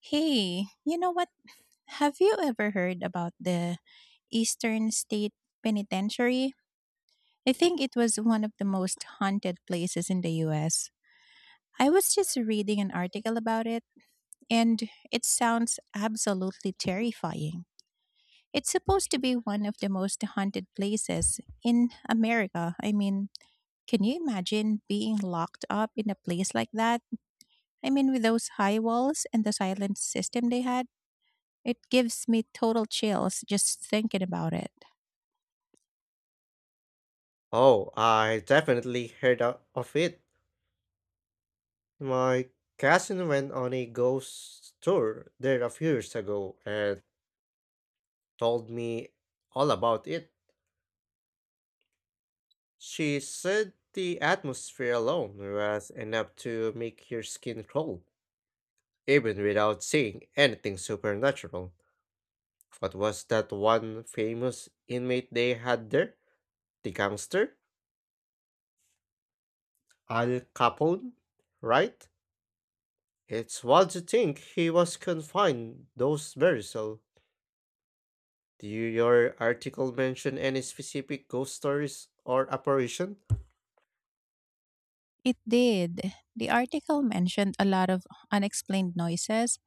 Hey, you know what? Have you ever heard about the Eastern State Penitentiary? I think it was one of the most haunted places in the US. I was just reading an article about it, and it sounds absolutely terrifying. It's supposed to be one of the most haunted places in America. I mean, can you imagine being locked up in a place like that? I mean, with those high walls and the silent system they had? It gives me total chills just thinking about it. Oh, I definitely heard of it. My cousin went on a ghost tour there a few years ago and told me all about it. She said the atmosphere alone was enough to make your skin crawl, even without seeing anything supernatural. What was that one famous inmate they had there? The gangster? Al Capone? Right? It's wild to think he was confined those very cell. Your article mention any specific ghost stories or apparition? It did. The article mentioned a lot of unexplained noises,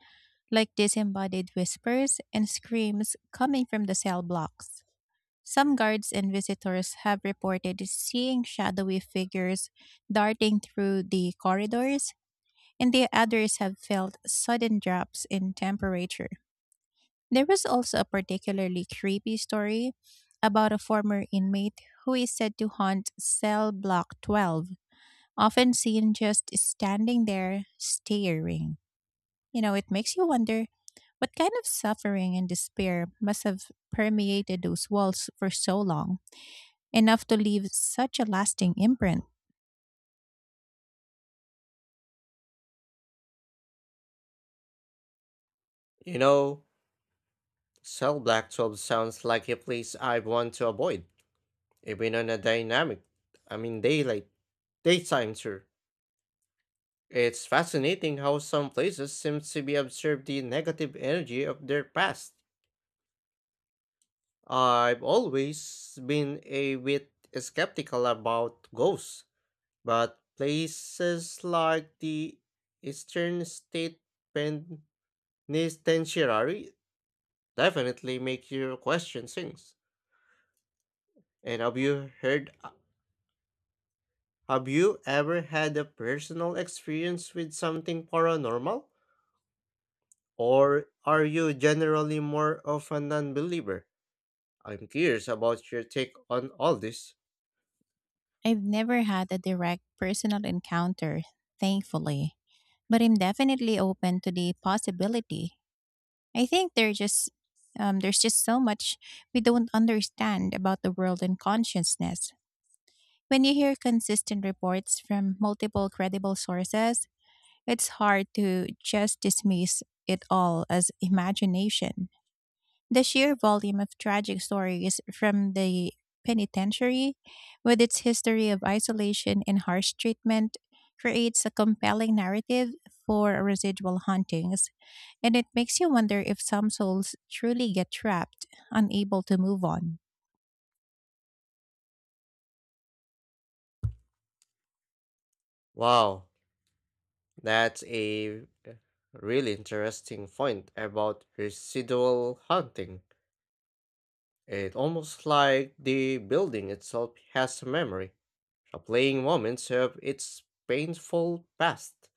like disembodied whispers and screams coming from the cell blocks. Some guards and visitors have reported seeing shadowy figures darting through the corridors, and the others have felt sudden drops in temperature. There was also a particularly creepy story about a former inmate who is said to haunt cell block 12, often seen just standing there staring. You know, it makes you wonder what kind of suffering and despair must have permeated those walls for so long, enough to leave such a lasting imprint. You know, Cell Black 12 sounds like a place I want to avoid, even on a dynamic, I mean daylight, daytime tour. It's fascinating how some places seem to be absorb the negative energy of their past. I've always been a bit skeptical about ghosts, but places like the Eastern State Pen Nitenshirari definitely make you question things. And have you ever had a personal experience with something paranormal? Or are you generally more of a non-believer? I'm curious about your take on all this. I've never had a direct personal encounter, thankfully, but I'm definitely open to the possibility. I think there's just so much we don't understand about the world and consciousness. When you hear consistent reports from multiple credible sources, it's hard to just dismiss it all as imagination. The sheer volume of tragic stories from the penitentiary, with its history of isolation and harsh treatment, creates a compelling narrative for residual hauntings, and it makes you wonder if some souls truly get trapped, unable to move on. Wow, that's a really interesting point about residual haunting. It almost like the building itself has a memory. The playing moments have its painful past.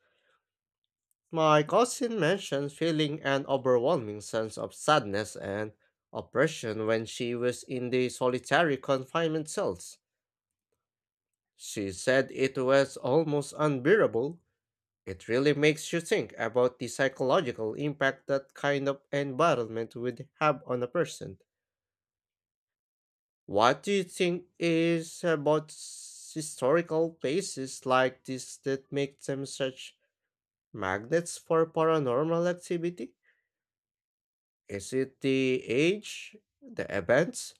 My cousin mentioned feeling an overwhelming sense of sadness and oppression when she was in the solitary confinement cells. She said it was almost unbearable. It really makes you think about the psychological impact that kind of environment would have on a person. What do you think is about historical places like this that make them such magnets for paranormal activity? Is it the age, the events,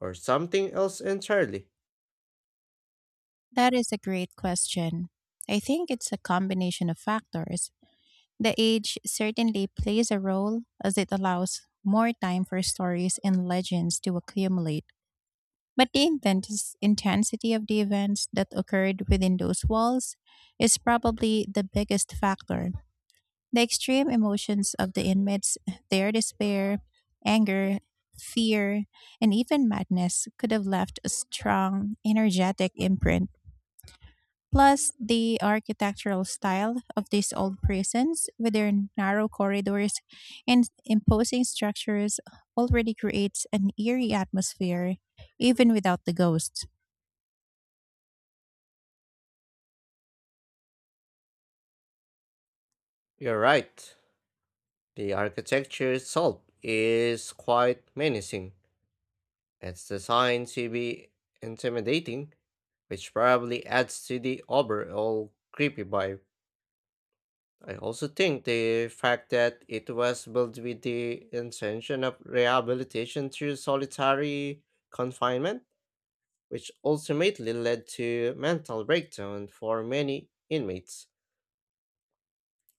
or something else entirely? That is a great question. I think it's a combination of factors. The age certainly plays a role, as it allows more time for stories and legends to accumulate. But the intense intensity of the events that occurred within those walls is probably the biggest factor. The extreme emotions of the inmates, their despair, anger, fear, and even madness could have left a strong, energetic imprint. Plus, the architectural style of these old prisons, with their narrow corridors and imposing structures, already creates an eerie atmosphere, even without the ghosts. You're right. The architecture itself is quite menacing. It's designed to be intimidating, which probably adds to the overall creepy vibe. I also think the fact that it was built with the intention of rehabilitation through solitary confinement, which ultimately led to mental breakdown for many inmates,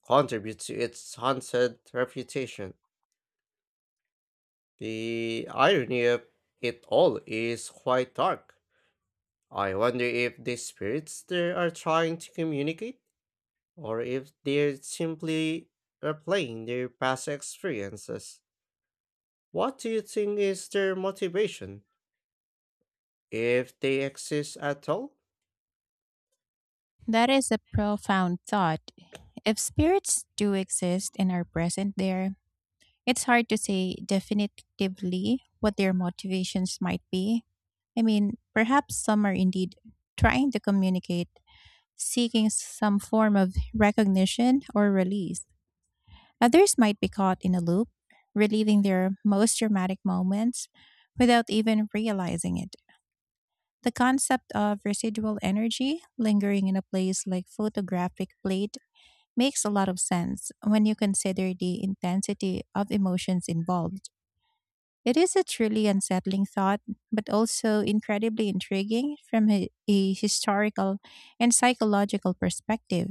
contribute to its haunted reputation. The irony of it all is quite dark. I wonder if the spirits there are trying to communicate, or if they're simply replaying their past experiences. What do you think is their motivation, if they exist at all? That is a profound thought. If spirits do exist and are present there, it's hard to say definitively what their motivations might be. I mean, perhaps some are indeed trying to communicate, seeking some form of recognition or release. Others might be caught in a loop, reliving their most dramatic moments without even realizing it. The concept of residual energy lingering in a place like photographic plate makes a lot of sense when you consider the intensity of emotions involved. It is a truly unsettling thought, but also incredibly intriguing from a historical and psychological perspective.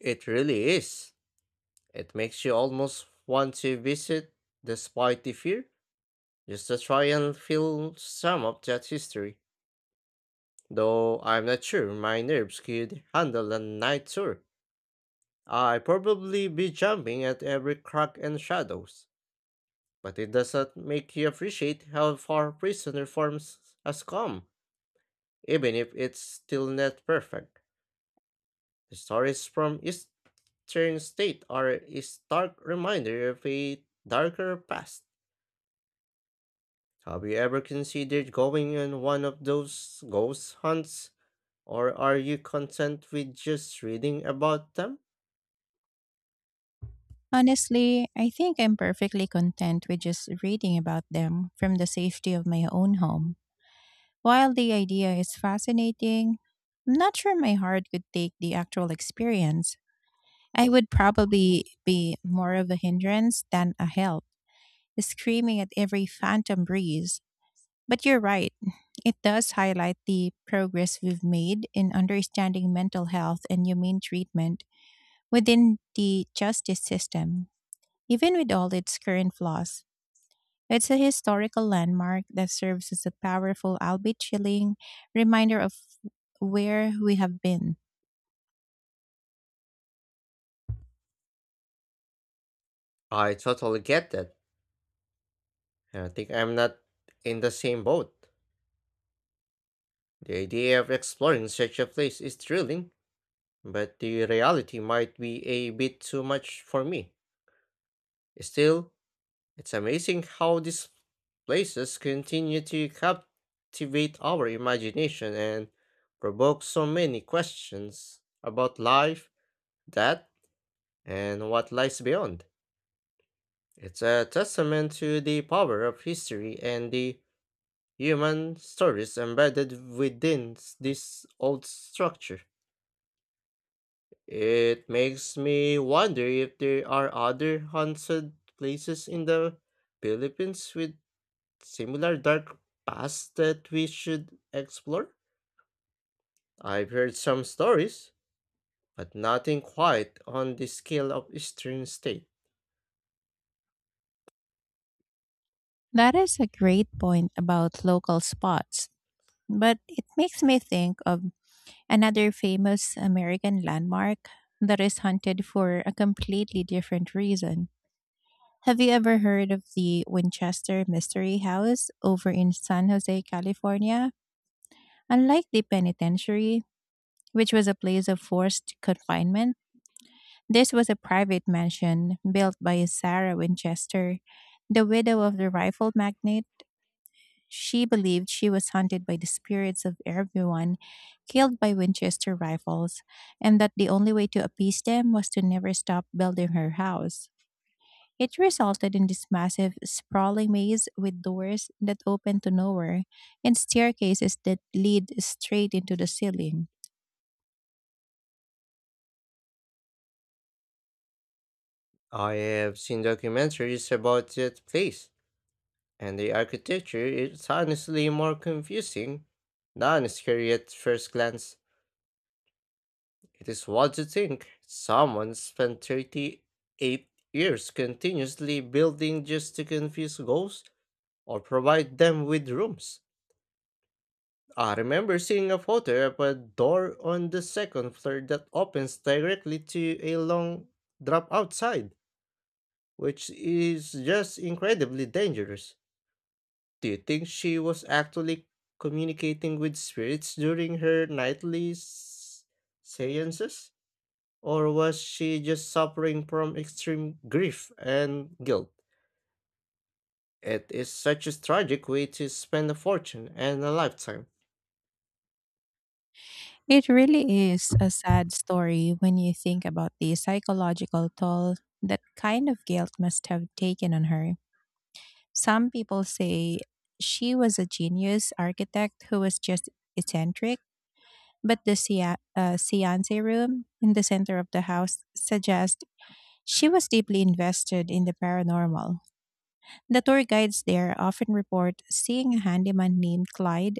It really is. It makes you almost want to visit despite the fear, just to try and feel some of that history. Though I'm not sure my nerves could handle a night tour. I'd probably be jumping at every crack and shadows. But it doesn't make you appreciate how far prison reforms has come, even if it's still not perfect. The stories from Eastern State are a stark reminder of a darker past. Have you ever considered going on one of those ghost hunts, or are you content with just reading about them? Honestly, I think I'm perfectly content with just reading about them from the safety of my own home. While the idea is fascinating, I'm not sure my heart could take the actual experience. I would probably be more of a hindrance than a help, screaming at every phantom breeze. But you're right, it does highlight the progress we've made in understanding mental health and humane treatment within the justice system, even with all its current flaws. It's a historical landmark that serves as a powerful, albeit chilling, reminder of where we have been. I totally get that, and I think I'm not in the same boat. The idea of exploring such a place is thrilling, but the reality might be a bit too much for me. Still, it's amazing how these places continue to captivate our imagination and provoke so many questions about life. That, and what lies beyond. It's a testament to the power of history and the human stories embedded within this old structure. It makes me wonder if there are other haunted places in the Philippines with similar dark past that we should explore. I've heard some stories, but nothing quite on the scale of Eastern State. That is a great point about local spots, but it makes me think of another famous American landmark that is hunted for a completely different reason. Have you ever heard of the Winchester Mystery House over in San Jose, California? Unlike the penitentiary, which was a place of forced confinement, this was a private mansion built by Sarah Winchester, the widow of the rifle magnate. She believed she was haunted by the spirits of everyone killed by Winchester rifles, and that the only way to appease them was to never stop building her house. It resulted in this massive, sprawling maze with doors that open to nowhere and staircases that lead straight into the ceiling. I have seen documentaries about that place, and the architecture is honestly more confusing than scary at first glance. It is what to think. Someone spent 38 years continuously building just to confuse ghosts or provide them with rooms. I remember seeing a photo of a door on the second floor that opens directly to a long drop outside, which is just incredibly dangerous. Do you think she was actually communicating with spirits during her nightly seances? Or was she just suffering from extreme grief and guilt? It is such a tragic way to spend a fortune and a lifetime. It really is a sad story when you think about the psychological toll that kind of guilt must have taken on her. Some people say she was a genius architect who was just eccentric, but the seance room in the center of the house suggests she was deeply invested in the paranormal. The tour guides there often report seeing a handyman named Clyde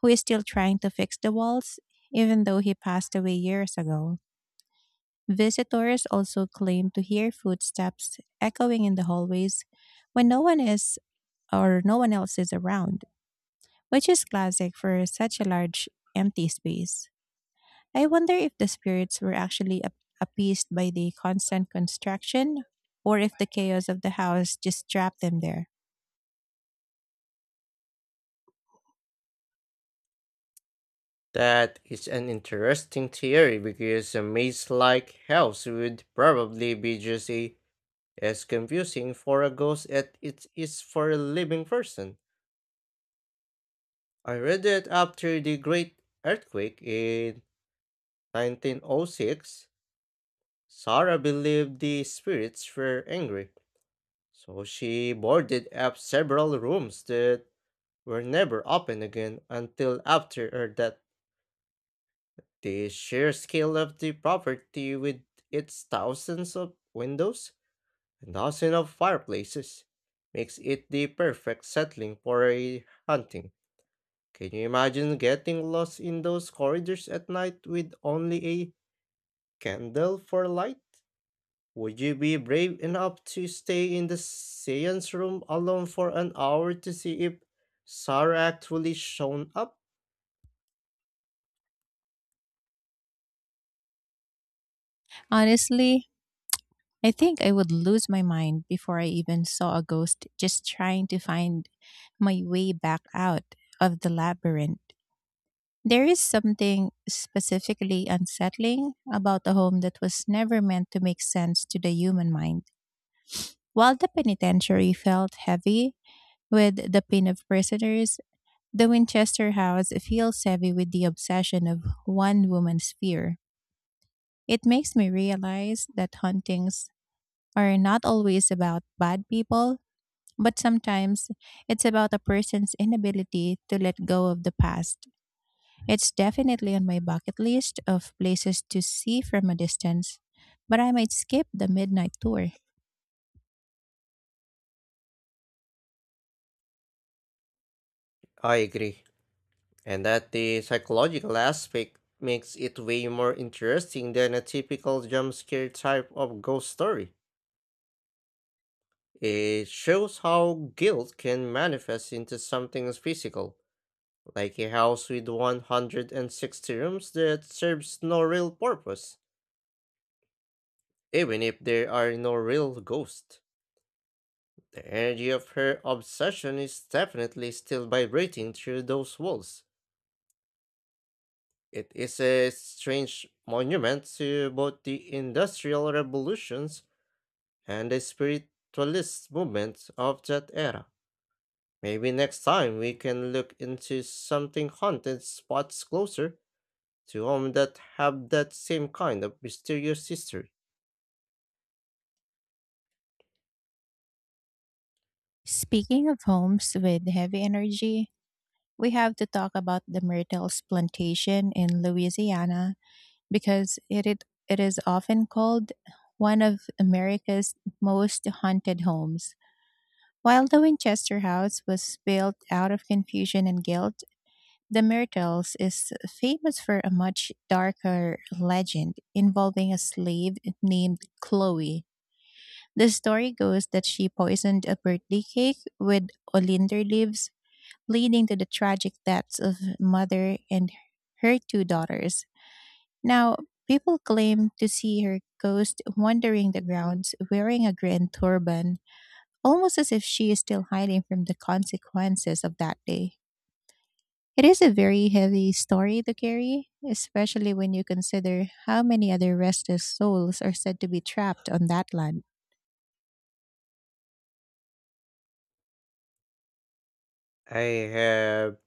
who is still trying to fix the walls, even though he passed away years ago. Visitors also claim to hear footsteps echoing in the hallways when no one else is around, which is classic for such a large, empty space. I wonder if the spirits were actually appeased by the constant construction, or if the chaos of the house just trapped them there. That is an interesting theory because a maze like house would probably be just as confusing for a ghost as it is for a living person. I read that after the Great Earthquake in 1906, Sarah believed the spirits were angry, so she boarded up several rooms that were never opened again until after her death. The sheer scale of the property, with its thousands of windows and dozens of fireplaces, makes it the perfect settling for a hunting. Can you imagine getting lost in those corridors at night with only a candle for light? Would you be brave enough to stay in the seance room alone for an hour to see if Sarah actually shown up? Honestly, I think I would lose my mind before I even saw a ghost, just trying to find my way back out of the labyrinth. There is something specifically unsettling about a home that was never meant to make sense to the human mind. While the penitentiary felt heavy with the pain of prisoners, the Winchester house feels heavy with the obsession of one woman's fear. It makes me realize that hauntings are not always about bad people, but sometimes it's about a person's inability to let go of the past. It's definitely on my bucket list of places to see from a distance, but I might skip the midnight tour. I agree. And that the psychological aspect makes it way more interesting than a typical jump scare type of ghost story. It shows how guilt can manifest into something physical, like a house with 160 rooms that serves no real purpose, even if there are no real ghosts. The energy of her obsession is definitely still vibrating through those walls. It is a strange monument to both the industrial revolutions and the spiritualist movement of that era. Maybe next time we can look into something haunted spots closer to home that have that same kind of mysterious history. Speaking of homes with heavy energy, we have to talk about the Myrtles Plantation in Louisiana, because it is often called one of America's most haunted homes. While the Winchester House was built out of confusion and guilt, the Myrtles is famous for a much darker legend involving a slave named Chloe. The story goes that she poisoned a birthday cake with oleander leaves, leading to the tragic deaths of mother and her two daughters. Now, people claim to see her ghost wandering the grounds wearing a green turban, almost as if she is still hiding from the consequences of that day. It is a very heavy story to carry, especially when you consider how many other restless souls are said to be trapped on that land. I have,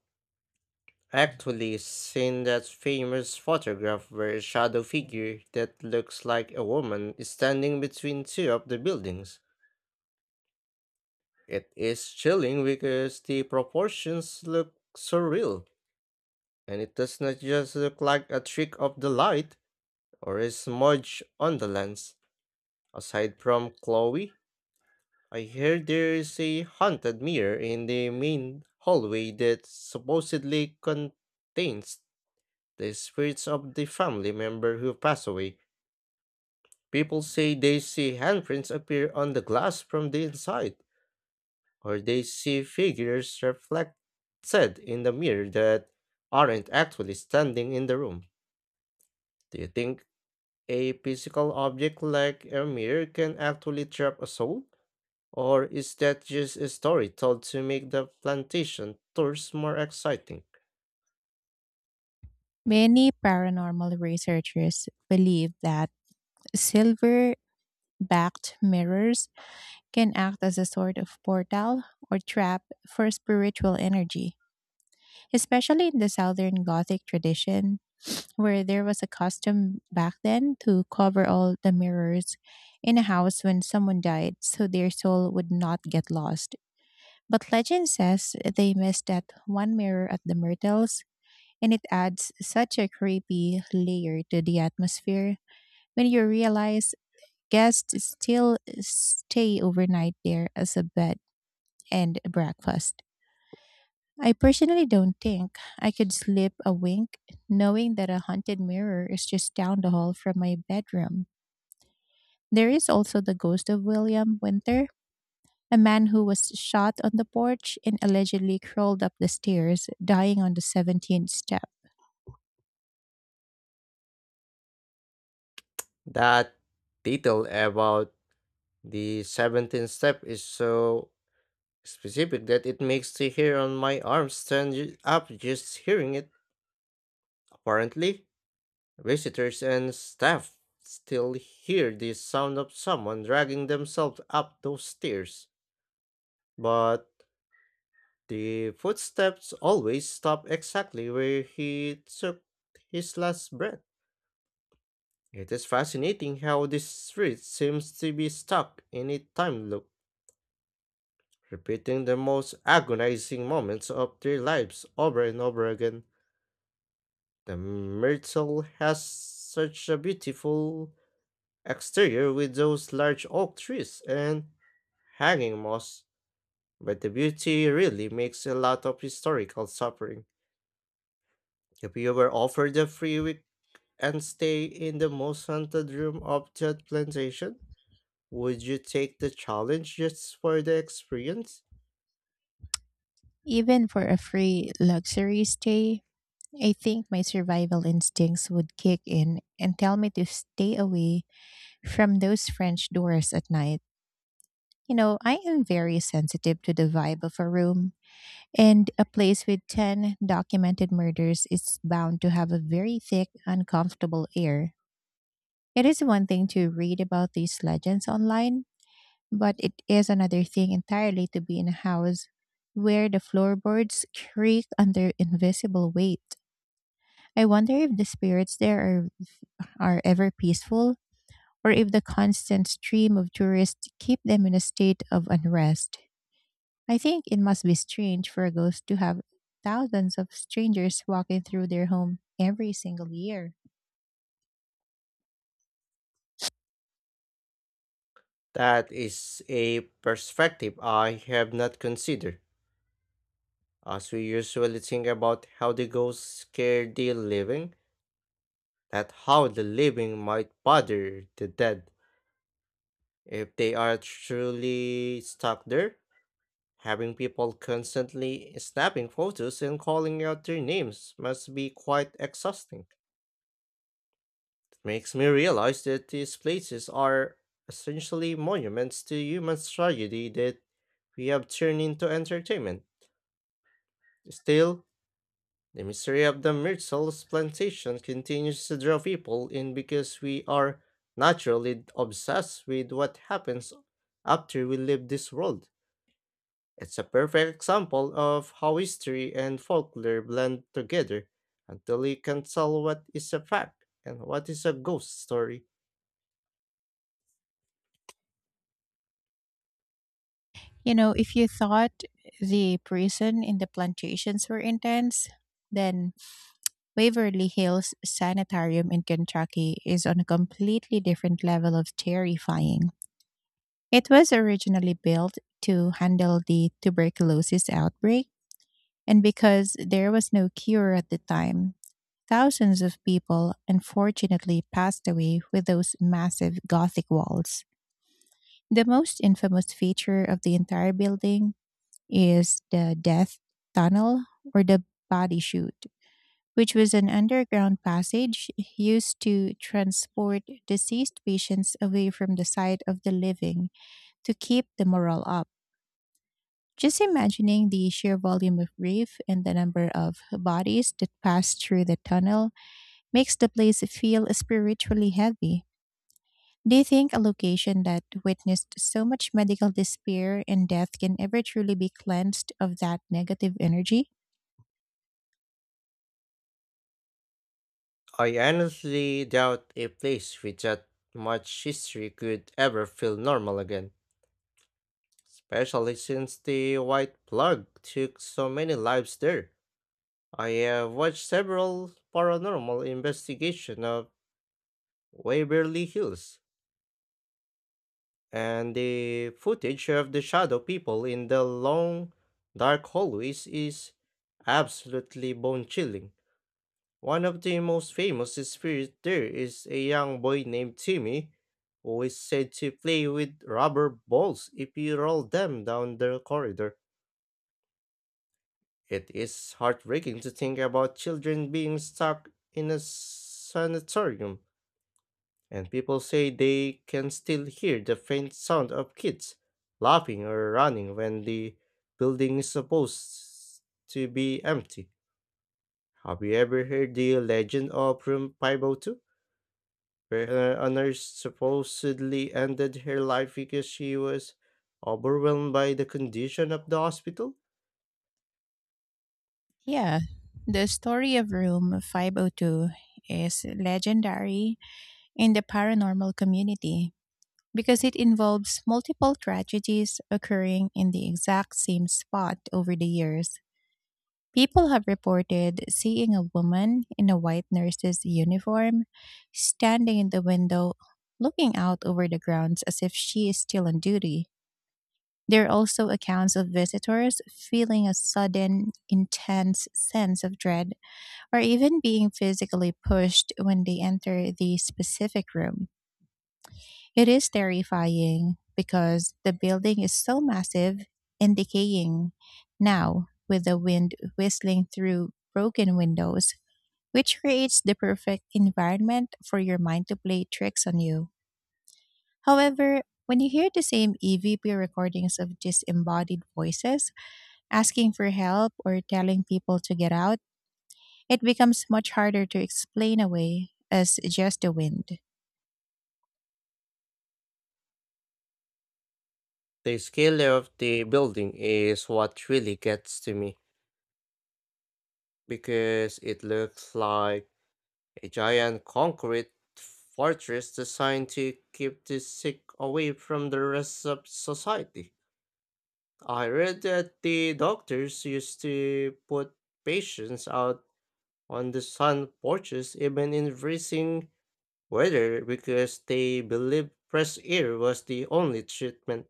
actually, seen that famous photograph where a shadow figure that looks like a woman is standing between two of the buildings. It is chilling because the proportions look surreal, and it does not just look like a trick of the light or a smudge on the lens. Aside from Chloe, I hear there is a haunted mirror in the main hallway that supposedly contains the spirits of the family member who passed away. People say they see handprints appear on the glass from the inside, or they see figures reflected in the mirror that aren't actually standing in the room. Do you think a physical object like a mirror can actually trap a soul? Or is that just a story told to make the plantation tours more exciting? Many paranormal researchers believe that silver backed mirrors can act as a sort of portal or trap for spiritual energy, especially in the Southern Gothic tradition, where there was a custom back then to cover all the mirrors in a house when someone died, so their soul would not get lost. But legend says they missed that one mirror at the Myrtles, and it adds such a creepy layer to the atmosphere when you realize guests still stay overnight there as a bed and breakfast. I personally don't think I could slip a wink knowing that a haunted mirror is just down the hall from my bedroom. There is also the ghost of William Winter, a man who was shot on the porch and allegedly crawled up the stairs, dying on the 17th step. That detail about the 17th step is so specific that it makes the hair on my arm stand up just hearing it. Apparently, visitors and staff still hear the sound of someone dragging themselves up those stairs. But the footsteps always stop exactly where he took his last breath. It is fascinating how this street seems to be stuck in a time loop, repeating the most agonizing moments of their lives over and over again. The Myrtle has such a beautiful exterior with those large oak trees and hanging moss, but the beauty really makes a lot of historical suffering. If you were offered a free week and stay in the most haunted room of that plantation, would you take the challenge just for the experience? Even for a free luxury stay, I think my survival instincts would kick in and tell me to stay away from those French doors at night. You know, I am very sensitive to the vibe of a room, and a place with 10 documented murders is bound to have a very thick, uncomfortable air. It is one thing to read about these legends online, but it is another thing entirely to be in a house where the floorboards creak under invisible weight. I wonder if the spirits there are ever peaceful, or if the constant stream of tourists keep them in a state of unrest. I think it must be strange for a ghost to have thousands of strangers walking through their home every single year. That is a perspective I have not considered, as we usually think about how the ghosts scare the living, that how the living might bother the dead if they are truly stuck there. Having people constantly snapping photos and calling out their names must be quite exhausting. It makes me realize that these places are essentially monuments to human tragedy that we have turned into entertainment. Still, the mystery of the Myrtles plantation continues to draw people in because we are naturally obsessed with what happens after we leave this world. It's a perfect example of how history and folklore blend together until you can tell what is a fact and what is a ghost story. You know, if you thought the prison in the plantations were intense, then Waverly Hills Sanitarium in Kentucky is on a completely different level of terrifying. It was originally built to handle the tuberculosis outbreak, and because there was no cure at the time, thousands of people unfortunately passed away with those massive Gothic walls. The most infamous feature of the entire building is the Death Tunnel, or the Body Chute, which was an underground passage used to transport deceased patients away from the site of the living, to keep the morale up. Just imagining the sheer volume of grief and the number of bodies that pass through the tunnel makes the place feel spiritually heavy. Do you think a location that witnessed so much medical despair and death can ever truly be cleansed of that negative energy? I honestly doubt a place with that much history could ever feel normal again, especially since the white plague took so many lives there. I have watched several paranormal investigation of Waverly Hills, and the footage of the shadow people in the long dark hallways is absolutely bone chilling. One of the most famous spirits there is a young boy named Timmy who is said to play with rubber balls if you roll them down the corridor. It is heartbreaking to think about children being stuck in a sanitarium, and people say they can still hear the faint sound of kids laughing or running when the building is supposed to be empty. Have you ever heard the legend of Room 502, where a nurse supposedly ended her life because she was overwhelmed by the condition of the hospital? Yeah. The story of Room 502 is legendary in the paranormal community because it involves multiple tragedies occurring in the exact same spot over the years. People have reported seeing a woman in a white nurse's uniform standing in the window, looking out over the grounds as if she is still on duty. There are also accounts of visitors feeling a sudden, intense sense of dread, or even being physically pushed when they enter the specific room. It is terrifying because the building is so massive and decaying now, with the wind whistling through broken windows, which creates the perfect environment for your mind to play tricks on you. However, when you hear the same EVP recordings of disembodied voices asking for help or telling people to get out, it becomes much harder to explain away as just the wind. The scale of the building is what really gets to me because it looks like a giant concrete fortress designed to keep the sick away from the rest of society. I read that the doctors used to put patients out on the sun porches even in freezing weather because they believed fresh air was the only treatment,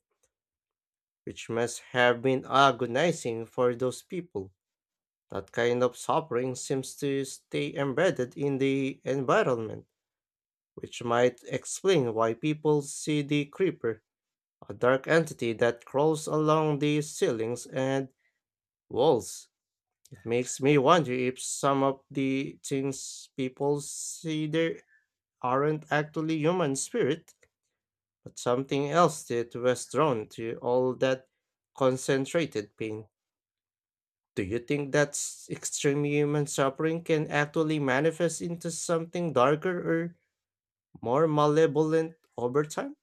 which must have been agonizing for those people. That kind of suffering seems to stay embedded in the environment, which might explain why people see the creeper, a dark entity that crawls along the ceilings and walls. It makes me wonder if some of the things people see there aren't actually human spirit, but something else that was drawn to all that concentrated pain. Do you think that extreme human suffering can actually manifest into something darker or more malevolent over time?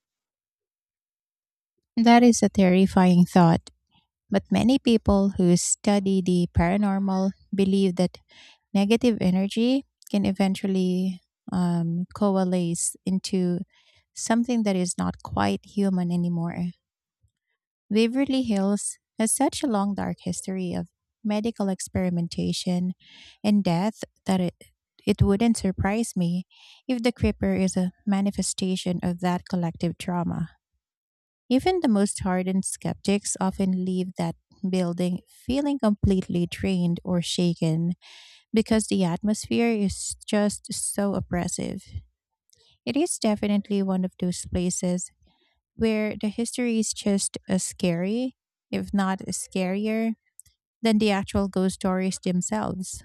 That is a terrifying thought, but many people who study the paranormal believe that negative energy can eventually coalesce into something that is not quite human anymore. Waverly Hills has such a long, dark history of medical experimentation and death that it wouldn't surprise me if the creeper is a manifestation of that collective trauma. Even the most hardened skeptics often leave that building feeling completely drained or shaken, because the atmosphere is just so oppressive. It is definitely one of those places where the history is just as scary, if not scarier, than the actual ghost stories themselves.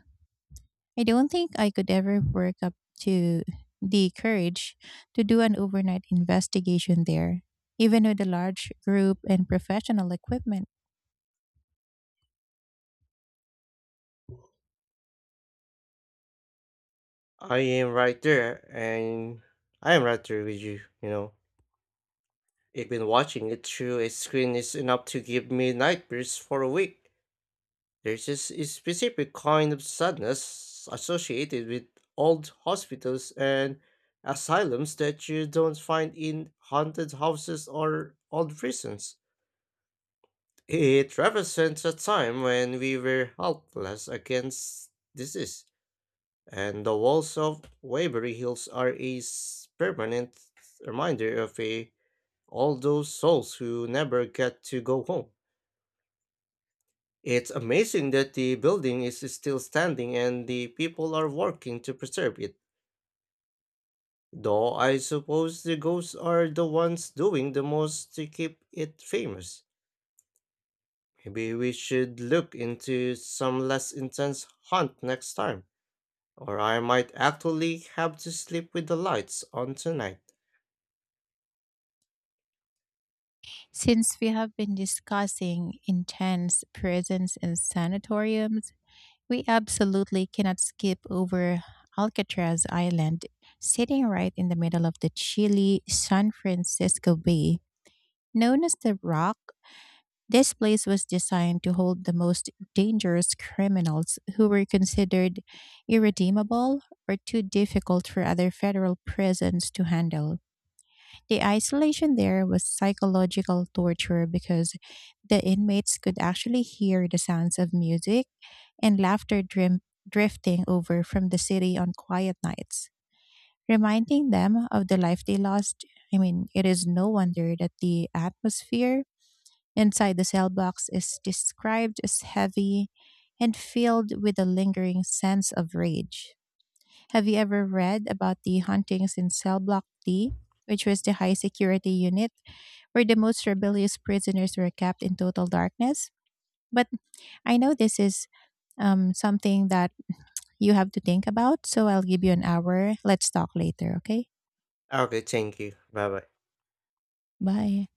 I don't think I could ever work up to the courage to do an overnight investigation there, even with a large group and professional equipment. I am right there, and I am right there with you, you know. Even watching it through a screen is enough to give me nightmares for a week. There's just a specific kind of sadness associated with old hospitals and asylums that you don't find in haunted houses or old prisons. It represents a time when we were helpless against disease, and the walls of Waverly Hills are a permanent reminder of a all those souls who never get to go home. It's amazing that the building is still standing and the people are working to preserve it. Though I suppose the ghosts are the ones doing the most to keep it famous. Maybe we should look into some less intense haunt next time, or I might actually have to sleep with the lights on tonight. Since we have been discussing intense prisons and sanatoriums, we absolutely cannot skip over Alcatraz Island, sitting right in the middle of the chilly San Francisco Bay. Known as the Rock, this place was designed to hold the most dangerous criminals who were considered irredeemable or too difficult for other federal prisons to handle. The isolation there was psychological torture, because the inmates could actually hear the sounds of music and laughter drifting over from the city on quiet nights, reminding them of the life they lost. I mean, it is no wonder that the atmosphere inside the cell box is described as heavy and filled with a lingering sense of rage. Have you ever read about the hauntings in Cell Block D, which was the high security unit where the most rebellious prisoners were kept in total darkness? But I know this is something that you have to think about, so I'll give you an hour. Let's talk later, okay? Ah, okay, thank you. Bye bye. Bye.